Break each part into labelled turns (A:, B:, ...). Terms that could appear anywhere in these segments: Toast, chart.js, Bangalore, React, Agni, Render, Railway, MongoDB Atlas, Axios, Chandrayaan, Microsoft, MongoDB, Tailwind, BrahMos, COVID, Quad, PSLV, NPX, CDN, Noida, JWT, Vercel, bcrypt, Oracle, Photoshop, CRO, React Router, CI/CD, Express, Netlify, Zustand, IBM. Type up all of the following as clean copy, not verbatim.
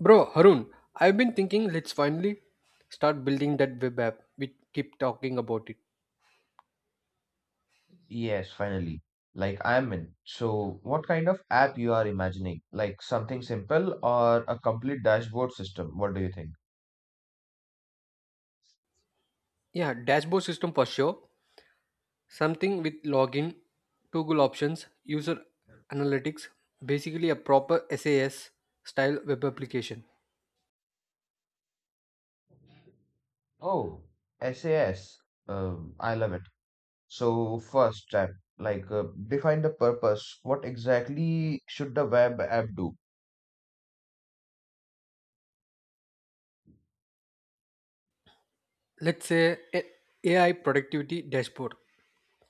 A: Bro, Harun, I've been thinking let's finally start building that web app. We keep talking about it.
B: Yes, finally. I'm in. So, what kind of app you are imagining? Like something simple or a complete dashboard system? What do you think?
A: Yeah, dashboard system for sure. Something with login, toggle options, user analytics, basically a proper SAS style web application.
B: Oh, SAS. I love it. So, first step, define the purpose. What exactly should the web app do?
A: Let's say a- AI productivity dashboard,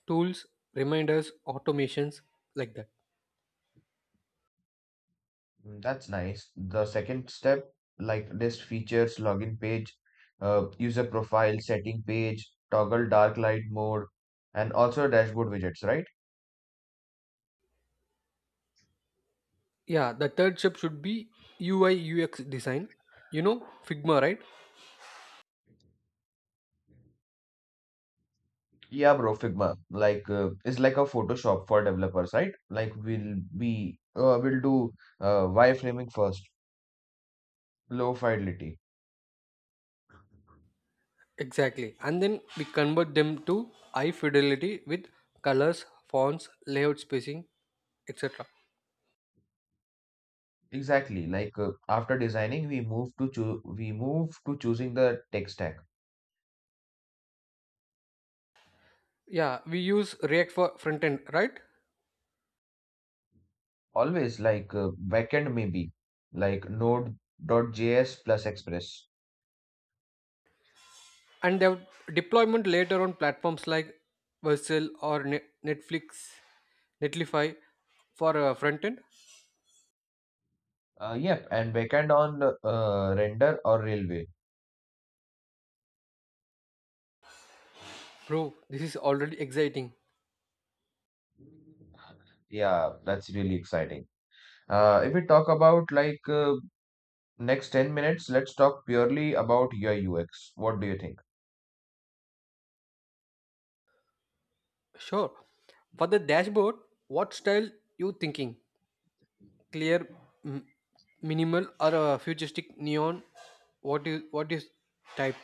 A: tools, reminders, automations like that.
B: That's nice. The second step, like list features, login page, user profile, setting page, toggle dark light mode, and also dashboard widgets, right?
A: Yeah, the third step should be UI UX design. You know Figma, right?
B: Yeah, bro, Figma is like a Photoshop for developers, right? Like we'll do wireframing first, low fidelity.
A: Exactly. And then we convert them to high fidelity with colors, fonts, layout spacing, etc.
B: Exactly. After designing, we move to choo we move to choosing the tech stack.
A: Yeah, we use React for front end, right?
B: Always backend maybe like Node.js plus Express.
A: And their deployment later on platforms like Vercel or Netlify for front end.
B: Yep, and backend on Render or Railway.
A: Bro, this is already exciting.
B: Yeah, that's really exciting. If we talk about like Next 10 minutes, let's talk purely about UI UX. What do you think?
A: Sure. For the dashboard, what style you thinking? Clear, m- minimal, or futuristic neon? What is type?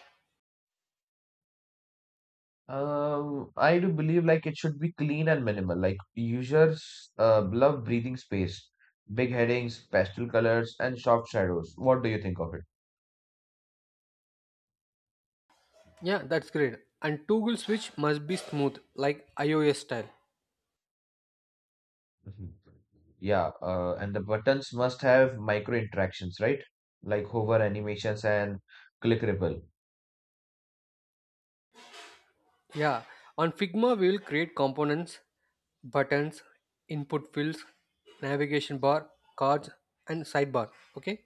B: I do believe like it should be clean and minimal. Like users love breathing space, big headings, pastel colors, and soft shadows. What do you think of it?
A: Yeah, that's great. And toggle switch must be smooth, like iOS style.
B: Mhm. Yeah, and the buttons must have micro interactions, right? Like hover animations and click ripple.
A: Yeah, on Figma we'll create components, buttons, input fields, navigation bar, cards, and sidebar. Okay.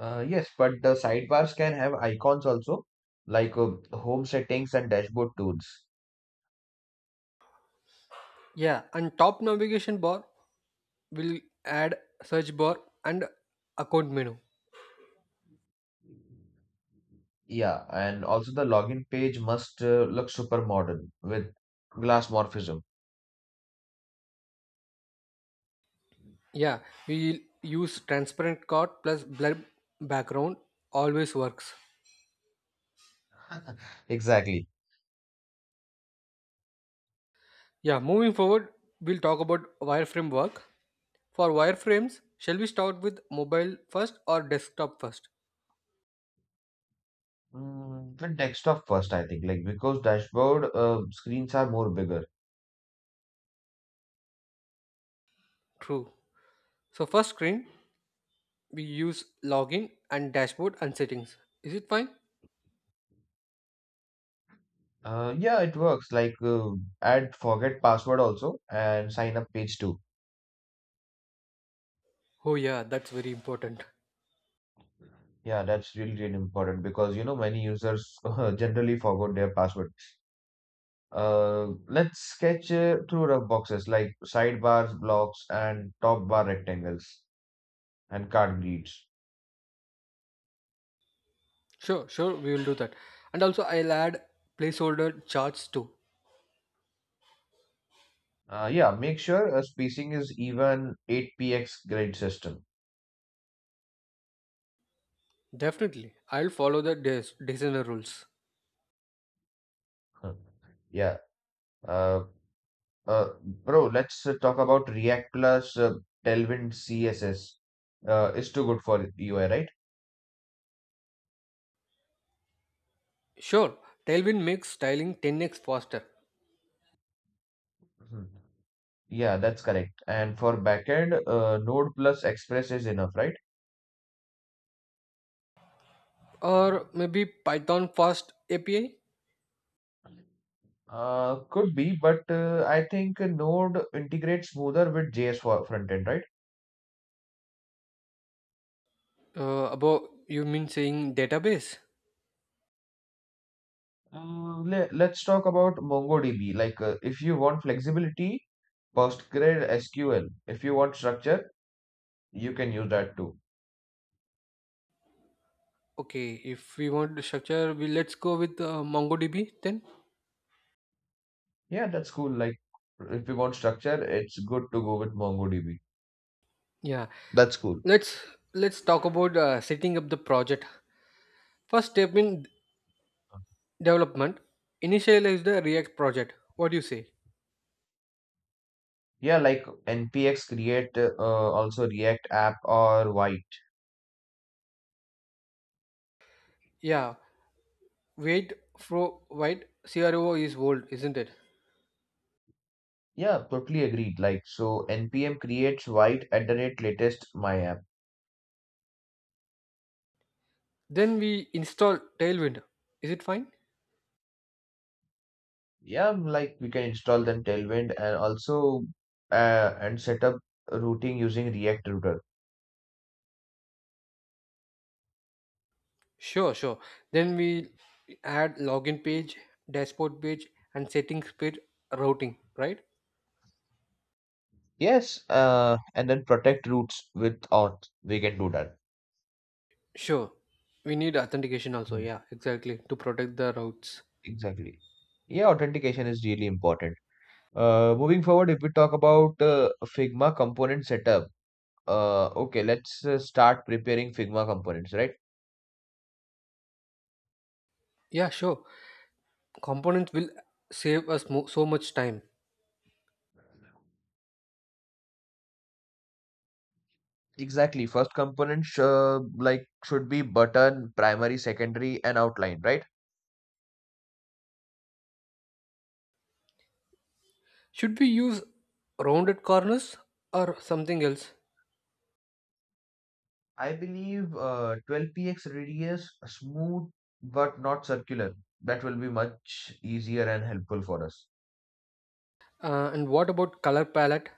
B: Yes, but the sidebars can have icons also, like uh, home settings and dashboard tools.
A: Yeah, and top navigation bar will add search bar and account menu.
B: Yeah, and also the login page must look super modern with glass morphism.
A: Yeah, we'll use transparent card plus blur background. Always works.
B: Exactly.
A: Yeah, moving forward, we'll talk about wireframe work. For wireframes, shall we start with mobile first or desktop first?
B: With desktop first, I think, like because dashboard screens are more bigger.
A: True. So first screen, we use login and dashboard and settings. Is it fine?
B: Yeah, it works. Add forget password also and sign up page too.
A: Oh yeah, that's very important.
B: Yeah, that's really, really important because you know many users generally forgot their password. Let's sketch through rough boxes like sidebars, blocks, and top bar rectangles and card grids.
A: Sure, sure, we will do that. And also I'll add placeholder charts too.
B: Yeah, make sure a spacing is even 8 px grid system.
A: Definitely. I'll follow the designer rules.
B: Huh. Yeah. Uh, bro, let's talk about React plus Tailwind CSS. It's too good for UI, right?
A: Sure, Tailwind makes styling 10X faster.
B: Mhm. Yeah, that's correct. And for backend, Node plus Express is enough, right?
A: Or maybe Python fast API?
B: Could be, but I think Node integrates smoother with JS for front end, right?
A: About you mean saying database?
B: Let's talk about MongoDB. Like, if you want flexibility, PostgreSQL. If you want structure, you can use that too.
A: Okay, if we want to structure, we let's go with MongoDB then.
B: Yeah, that's cool. Like, if you want structure, it's good to go with MongoDB.
A: Yeah,
B: That's cool.
A: let's let's talk about setting up the project. First step in development, initialize the React project. What do you say?
B: Yeah, like NPX create also React app or White.
A: Yeah, wait, CRO is old, isn't it?
B: Yeah, totally agreed. Like, so npm creates White at the rate latest my app.
A: Then we install Tailwind. Is it fine?
B: Yeah, like we can install then Tailwind and also and set up routing using React router.
A: Sure, sure. Then we add login page, dashboard page, and settings page routing. Right?
B: Yes, and then protect routes with auth. We can do that.
A: Sure. We need authentication also. Yeah, exactly. To protect the routes.
B: Exactly. Yeah, authentication is really important. Moving forward, if we talk about Figma component setup, okay, let's start preparing Figma components, right?
A: Yeah, sure. Components will save us so much time.
B: Exactly. First component sh like should be button, primary, secondary, and outline, right?
A: Should we use rounded corners or something else?
B: I believe 12 px radius, smooth but not circular. That will be much easier and helpful for us.
A: And what about color palette?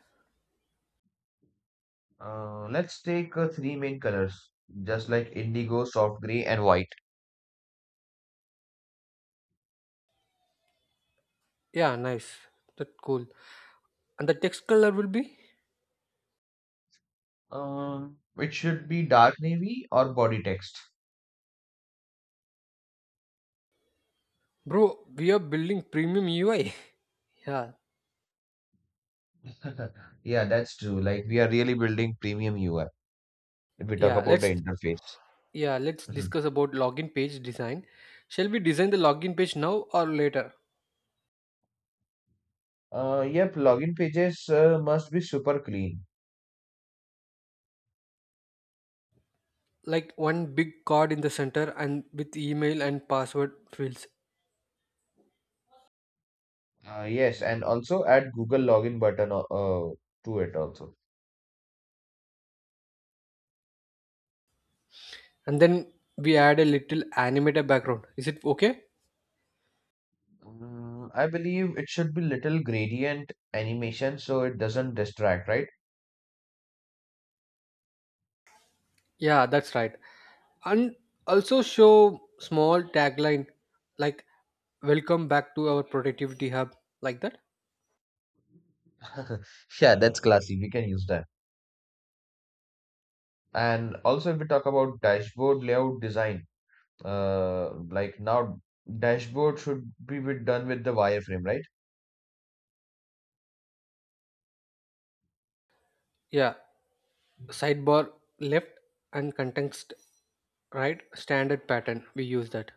B: Let's take three main colors, just like indigo, soft gray, and white.
A: Yeah, nice. That's cool. And the text color will be?
B: It should be dark navy or body text.
A: Bro, we are building premium UI. yeah.
B: Yeah, that's true. Like we are really building premium UI if we talk
A: Yeah,
B: about the interface.
A: let's
B: Mhm.
A: discuss about login page design. Shall we design the login page now or later?
B: Yep, login pages must be super clean.
A: Like one big card in the center and with email and password fields,
B: Yes, and also add Google login button to it also.
A: and then we add a little animated background, is it okay?
B: I believe it should be little gradient animation so it doesn't distract, right?
A: Yeah, that's right, and also show small tagline like welcome back to our productivity hub, like that.
B: Yeah, that's classy. We can use that. And also, if we talk about dashboard layout design. Like now, dashboard should be with, done with the wireframe, right?
A: Yeah, sidebar left and context right, standard pattern we use that.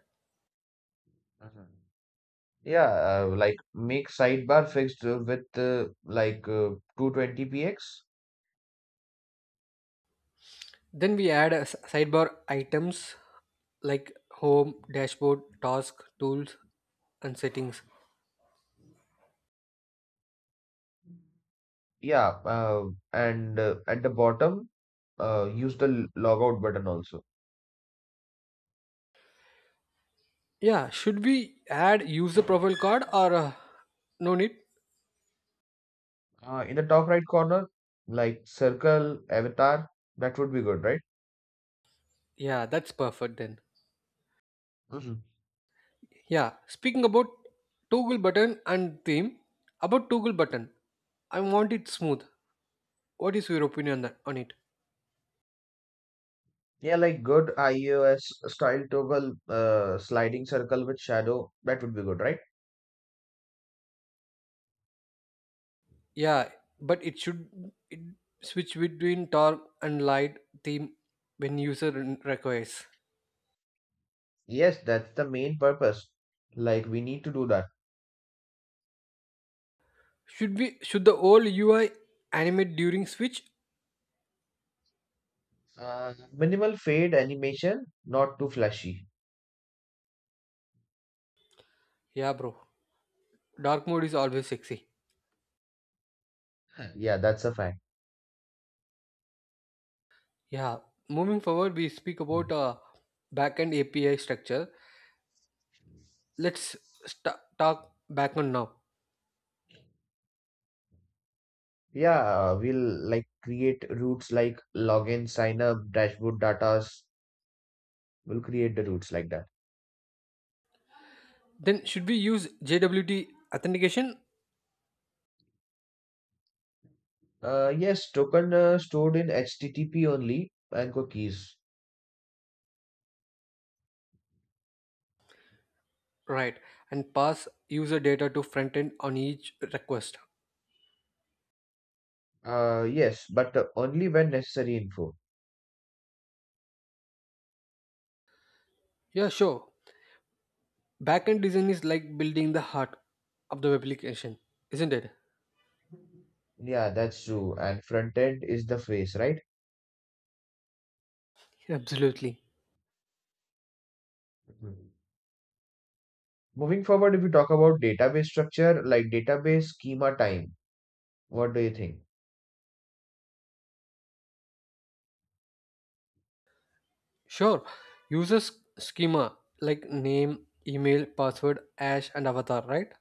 B: Mhm. Yeah, like make sidebar fixed with 220 px.
A: Then we add a sidebar items like home, dashboard, task, tools, and settings.
B: Yeah, and at the bottom, use the log button also.
A: Yeah, should we add user profile card or no need?
B: In the top right corner, like circle avatar, that would be good, right?
A: Yeah, that's perfect then.
B: Mhm.
A: Yeah, speaking about toggle button and theme, about toggle button, I want it smooth. What is your opinion on it?
B: Yeah, like good iOS style toggle, sliding circle with shadow, that would be good, right?
A: Yeah, but it should it switch between dark and light theme when user requires.
B: Yes, that's the main purpose. Like we need to do that.
A: Should the old UI animate during switch?
B: Minimal fade animation, not too flashy.
A: Yeah, bro. Dark mode is always sexy.
B: Yeah, that's a fact.
A: Yeah, moving forward, we speak about backend API structure. Let's talk backend now.
B: Yeah, we'll like create routes like login, sign up, dashboard datas. We'll create the routes like that.
A: Then, should we use JWT authentication?
B: Yes, token stored in HTTP only and cookies.
A: Right, and pass user data to frontend on each request.
B: Yes, but only when necessary info.
A: Yeah, sure. Backend design is like building the heart of the web application, isn't it?
B: Yeah, that's true. And front end is the face, right?
A: Absolutely.
B: Mhm. Moving forward, if we talk about database structure, like database schema time, what do you think?
A: Sure. User schema like name, email, password, hash, and avatar, right?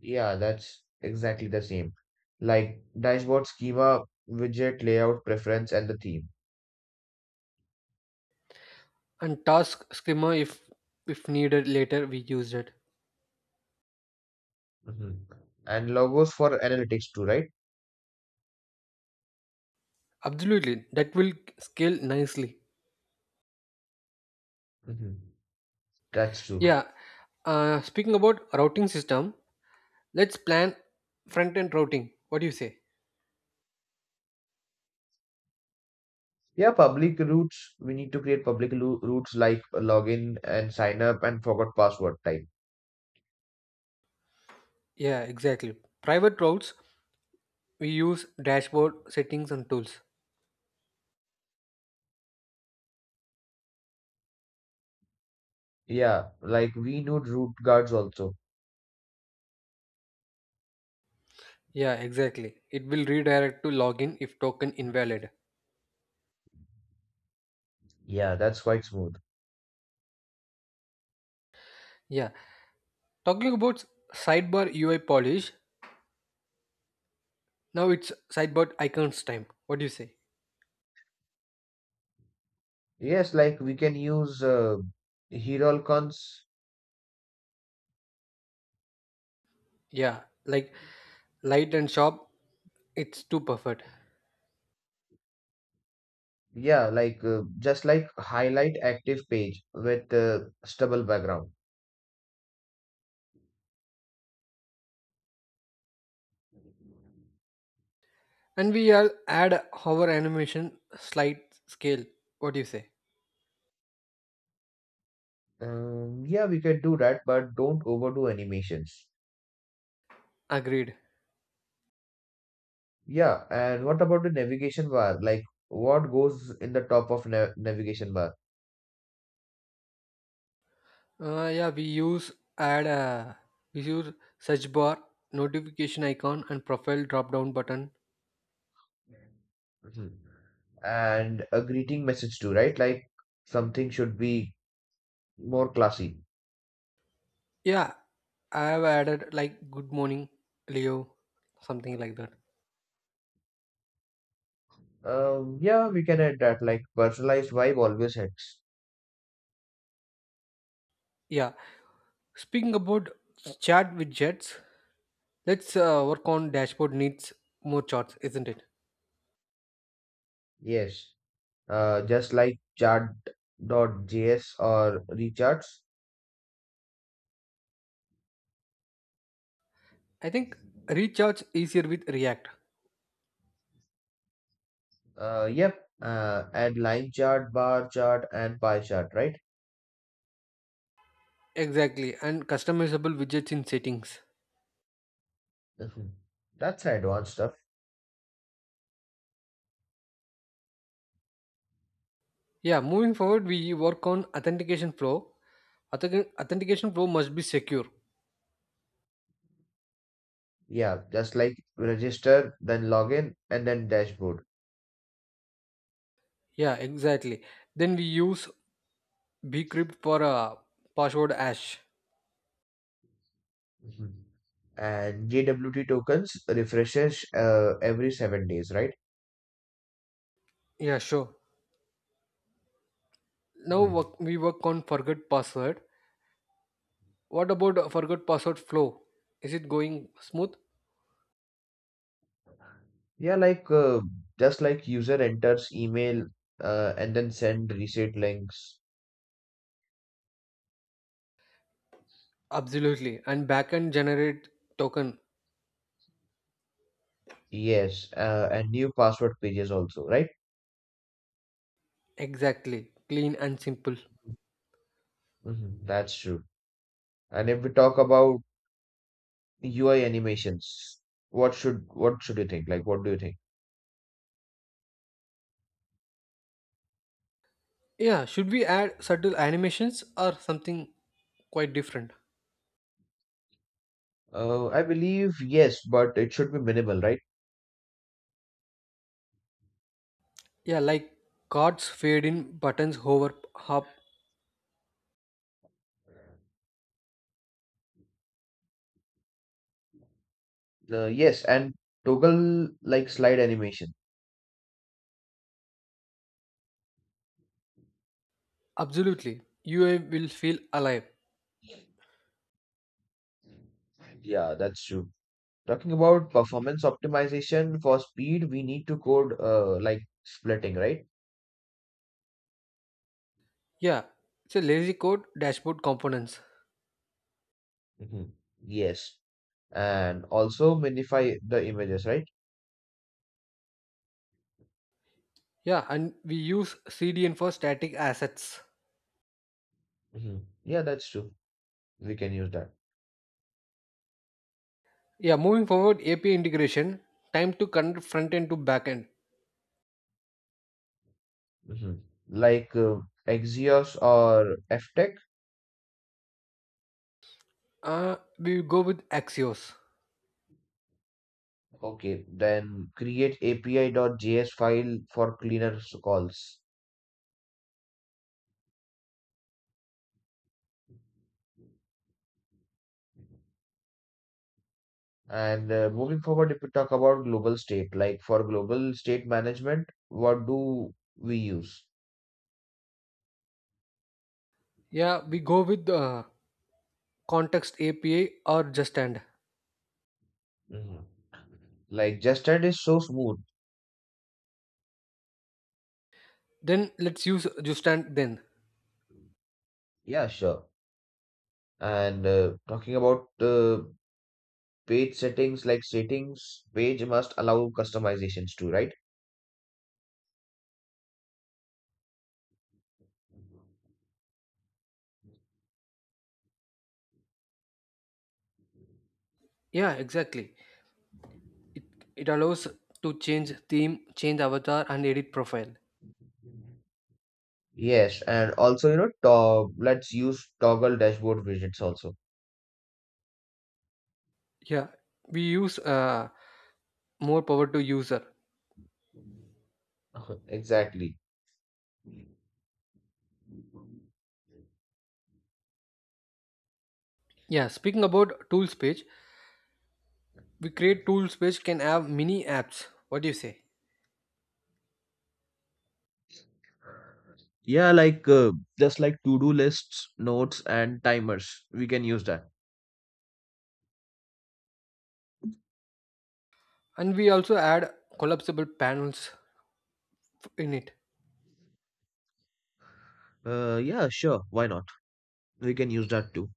B: Yeah, that's exactly the same. Like dashboard schema, widget layout preference, and the theme.
A: And task skimmer, if needed later we used it.
B: Mhm. And logos for analytics too, right?
A: Absolutely, that will scale nicely.
B: Mhm. That's true.
A: Yeah, speaking about routing system, let's plan front end routing, what do you say?
B: Yeah, public routes. We need to create public routes like login and sign up and forgot password type.
A: Yeah, exactly, private routes, we use dashboard, settings, and tools.
B: Yeah, like we need root guards also.
A: Yeah, exactly, it will redirect to login if token invalid.
B: Yeah, that's quite smooth.
A: Yeah, talking about sidebar UI polish, now it's sidebar icons time, what do you say?
B: Yes, like we can use Herolcons.
A: Yeah, like light and sharp, it's too perfect.
B: Yeah, like highlight active page with stubble background.
A: And we all add our animation slight scale. What do you say?
B: Yeah, we can do that, but don't overdo animations.
A: Agreed.
B: Yeah, and what about the navigation bar? Like what goes in the top of na navigation bar?
A: Yeah, add uh, we use search bar, notification icon, and profile drop down button.
B: Mhm. And a greeting message too, right? Like something should be more classy.
A: Yeah, I have added like good morning, Leo, something like that.
B: Yeah, we can add that. Like personalized vibe always helps.
A: Yeah. Speaking about chat widgets, let's work on dashboard needs more charts, isn't it?
B: Yes. Just like chart.js or recharts.
A: I think recharge easier with React.
B: Yep, and line chart, bar chart, and pie chart, right?
A: Exactly, and customizable widgets in settings.
B: Mhm. That's advanced stuff.
A: Yeah, moving forward, we work on authentication flow. Authentication flow must be secure.
B: Yeah, just like register, then login, and then dashboard.
A: Yeah, exactly. Then we use bcrypt for a password hash.
B: Mhm. And JWT tokens refreshes every 7 days, right?
A: Yeah, sure.
B: Mhm.
A: We work on forget password. What about a forget password flow? Is it going smooth?
B: Yeah, like user enters email and then send reset links.
A: Absolutely. And backend generate token.
B: Yes, and new password pages also, right?
A: Exactly. Clean and simple.
B: Mhm, that's true. And if we talk about UI animations, what should you think? Like, what do you think?
A: Yeah, should we add subtle animations or something quite different?
B: I believe yes, but it should be minimal, right?
A: Yeah, like cards fade in, buttons hover up.
B: Yes, and toggle like slide animation.
A: Absolutely. UI will feel alive.
B: Yeah, that's true. Talking about performance optimization for speed, we need to code like splitting, right?
A: Yeah, it's a lazy code dashboard components.
B: Hmm. Yes, and also minify the images, right?
A: Yeah, and we use CDN for static assets.
B: Hmm. Yeah, that's true. We can use that.
A: Yeah, moving forward, API integration. Time to connect front end to back end.
B: Mhm. Like uh, Axios or FTech?
A: We go with Axios.
B: Okay, then create api.js file for cleaner calls. And moving forward, if we talk about global state, like for global state management, what do we use?
A: Yeah, we go with context API or Justand.
B: Mhm. Like Justad is so smooth.
A: Then let's use Justand then.
B: Yeah, sure. And talking about page settings, like settings page must allow customizations too, right?
A: Yeah, exactly. it it allows to change theme, change avatar, and edit profile.
B: Yes, and also, you know, to let's use toggle dashboard widgets also.
A: Yeah, we use more power to user.
B: Exactly.
A: Yeah, speaking about tools page, we create tools page can have mini apps, what do you say?
B: Yeah, like to-do lists, notes, and timers. We can use that.
A: And we also add collapsible panels in it.
B: Yeah, sure. Why not? We can use that too.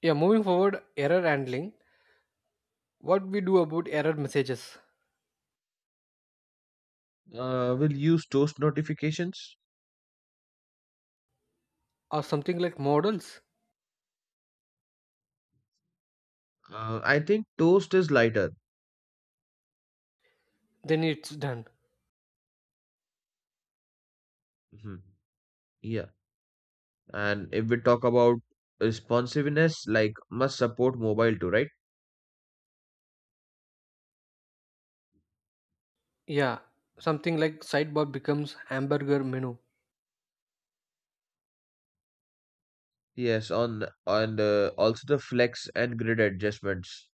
A: Yeah, moving forward, error handling, what we do about error messages,
B: We'll use Toast notifications.
A: or something like models?
B: I think Toast is lighter.
A: Then it's done.
B: Mhm. Yeah, and if we talk about responsiveness, like must support mobile too, right?
A: Yeah, something like sidebar becomes hamburger menu.
B: Yes, on and also the flex and grid adjustments.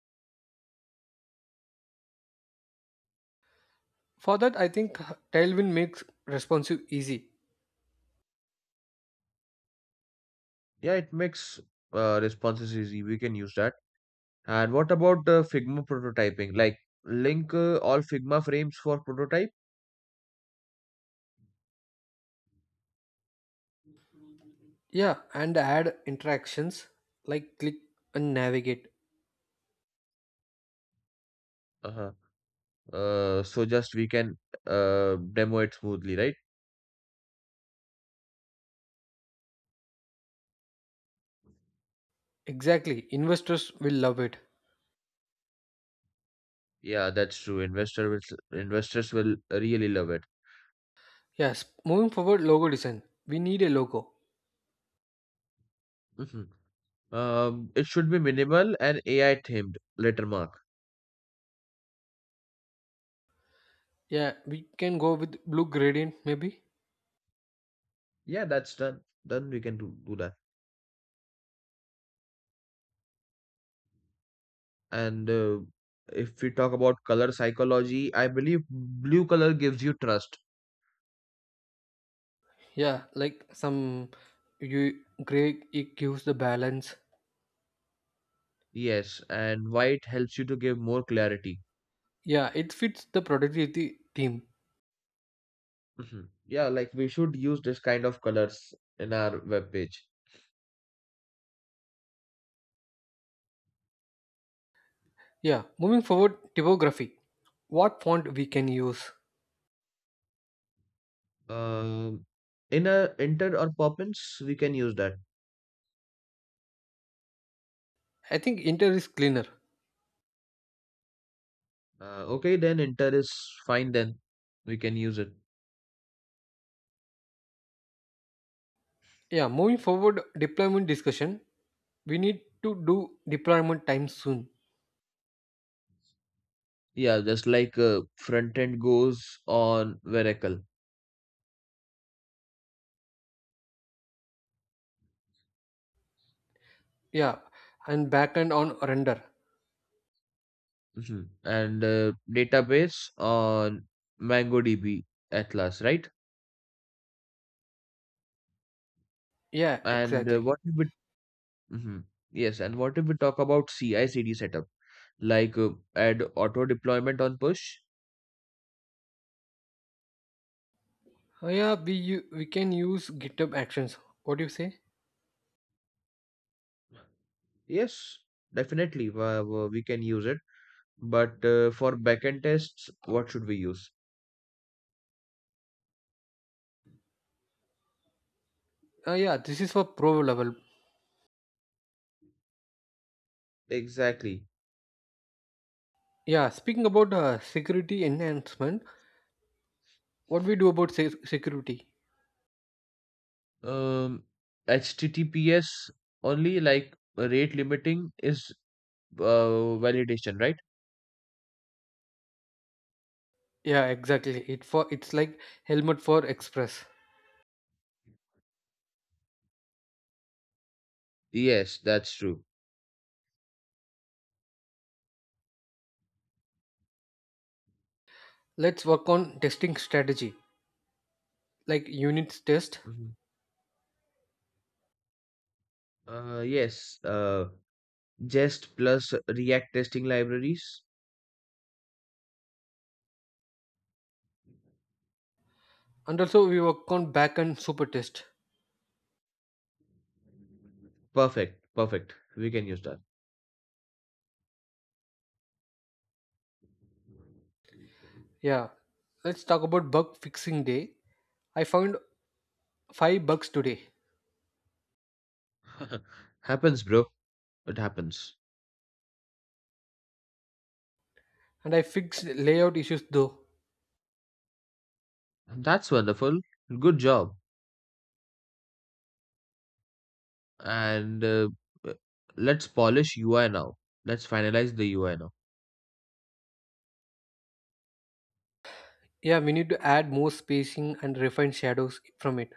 A: For that I think Tailwind makes responsive easy.
B: Yeah, it makes responses easy. We can use that. And what about Figma prototyping? Like link all Figma frames for prototype?
A: Yeah, and add interactions like click and navigate.
B: Uh-huh. So just we can demo it smoothly, right?
A: Exactly, investors will love it.
B: Yeah, that's true. Investors will really love it.
A: Yes, moving forward, logo design. We need a logo.
B: Mhm. It should be minimal and AI themed. Letter mark.
A: Yeah, we can go with blue gradient maybe.
B: Yeah, that's done. Done. We can do that. And if we talk about color psychology, I believe blue color gives you trust.
A: Yeah, like some you gray, it gives the balance.
B: Yes, and white helps you to give more clarity.
A: Yeah, it fits the productivity theme.
B: Mhm. Yeah, like we should use this kind of colors in our web page.
A: Yeah, moving forward, typography. What font we can use?
B: Um, in a enter or pop we can use that.
A: I think Inter is cleaner.
B: Okay, then inter is fine. Then we can use it.
A: Yeah, moving forward, deployment discussion. We need to do deployment time soon.
B: Yeah, just like front end goes on Oracle.
A: Yeah, and backend on render.
B: Mhm. And database on MongoDB Atlas, right?
A: Yeah,
B: And
A: exactly.
B: what if we, Mhm. Yes, and what if we talk about CI/CD setup? like uh, Add auto deployment on push.
A: Yeah, we can use GitHub actions, what do you say?
B: Yes, definitely we can use it, but for backend tests what should we use?
A: Yeah, this is for pro level.
B: Exactly.
A: Yeah, speaking about security enhancement, what we do about security?
B: um HTTPS only, like rate limiting is validation, right?
A: Yeah, exactly, it for it's like helmet for Express.
B: Yes, that's true.
A: Let's work on testing strategy, like units test.
B: Mhm. Yes, uh jest plus react testing libraries.
A: And also we work on backend super test.
B: Perfect, perfect, we can use that.
A: Yeah, let's talk about bug fixing day. I found $5 today,
B: Happens, bro, it happens.
A: and I fixed layout issues though.
B: That's wonderful. Good job. And uh, uh, let's polish UI now. Let's finalize the UI now.
A: Yeah, we need to add more spacing and refine shadows from it.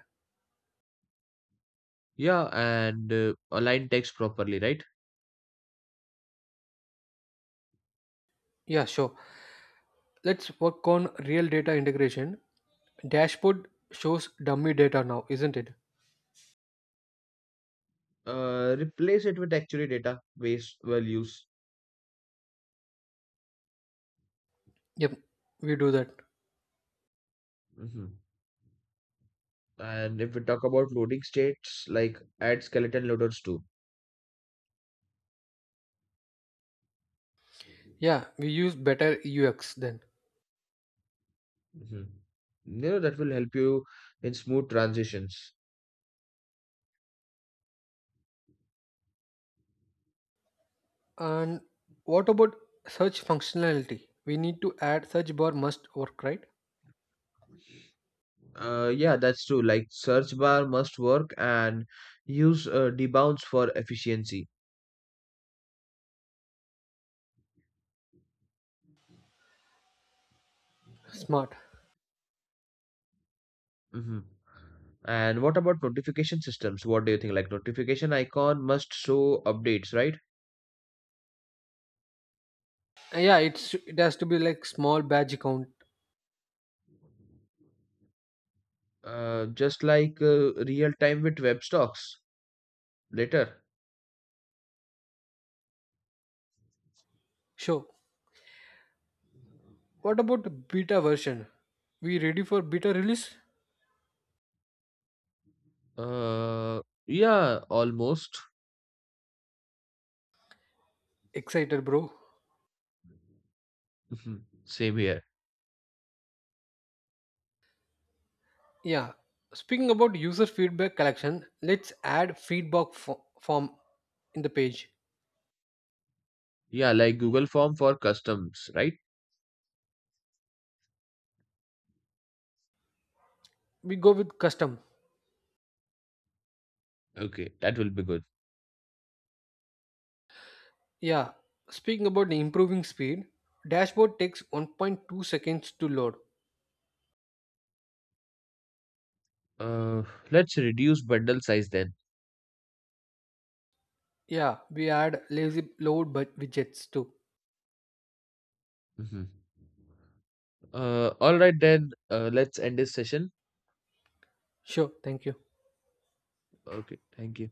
B: Yeah, and align text properly, right?
A: Yeah, sure, let's work on real data integration. Dashboard shows dummy data now, isn't it?
B: Replace it with actually data based values.
A: Yep, we do that.
B: Hmm. And if we talk about loading states, like add skeleton loaders too.
A: Yeah, we use better UX then.
B: Hmm. You know, that will help you in smooth transitions.
A: And what about search functionality, we need to add search bar must work, right?
B: Yeah, that's true. Like search bar must work and use debounce for efficiency.
A: Smart.
B: Mhm. And what about notification systems? What do you think? Like notification icon must show updates, right?
A: Yeah, it's it has to be like small badge count.
B: Just like real time with web stocks later.
A: Sure. What about beta version? We ready for beta release?
B: Uh, yeah, almost.
A: Excited, bro.
B: Mhm. Same here.
A: Yeah. Speaking about user feedback collection, let's add feedback form in the page.
B: Yeah, like Google Form for customs, right?
A: We go with custom.
B: Okay, that will be good.
A: Yeah. Speaking about the improving speed, dashboard takes 1.2 seconds to load.
B: Uh, let's reduce bundle size then.
A: Yeah, we add lazy load but widgets too.
B: Mhm. All right then. Let's end this session.
A: Sure, thank you.
B: Okay, thank you.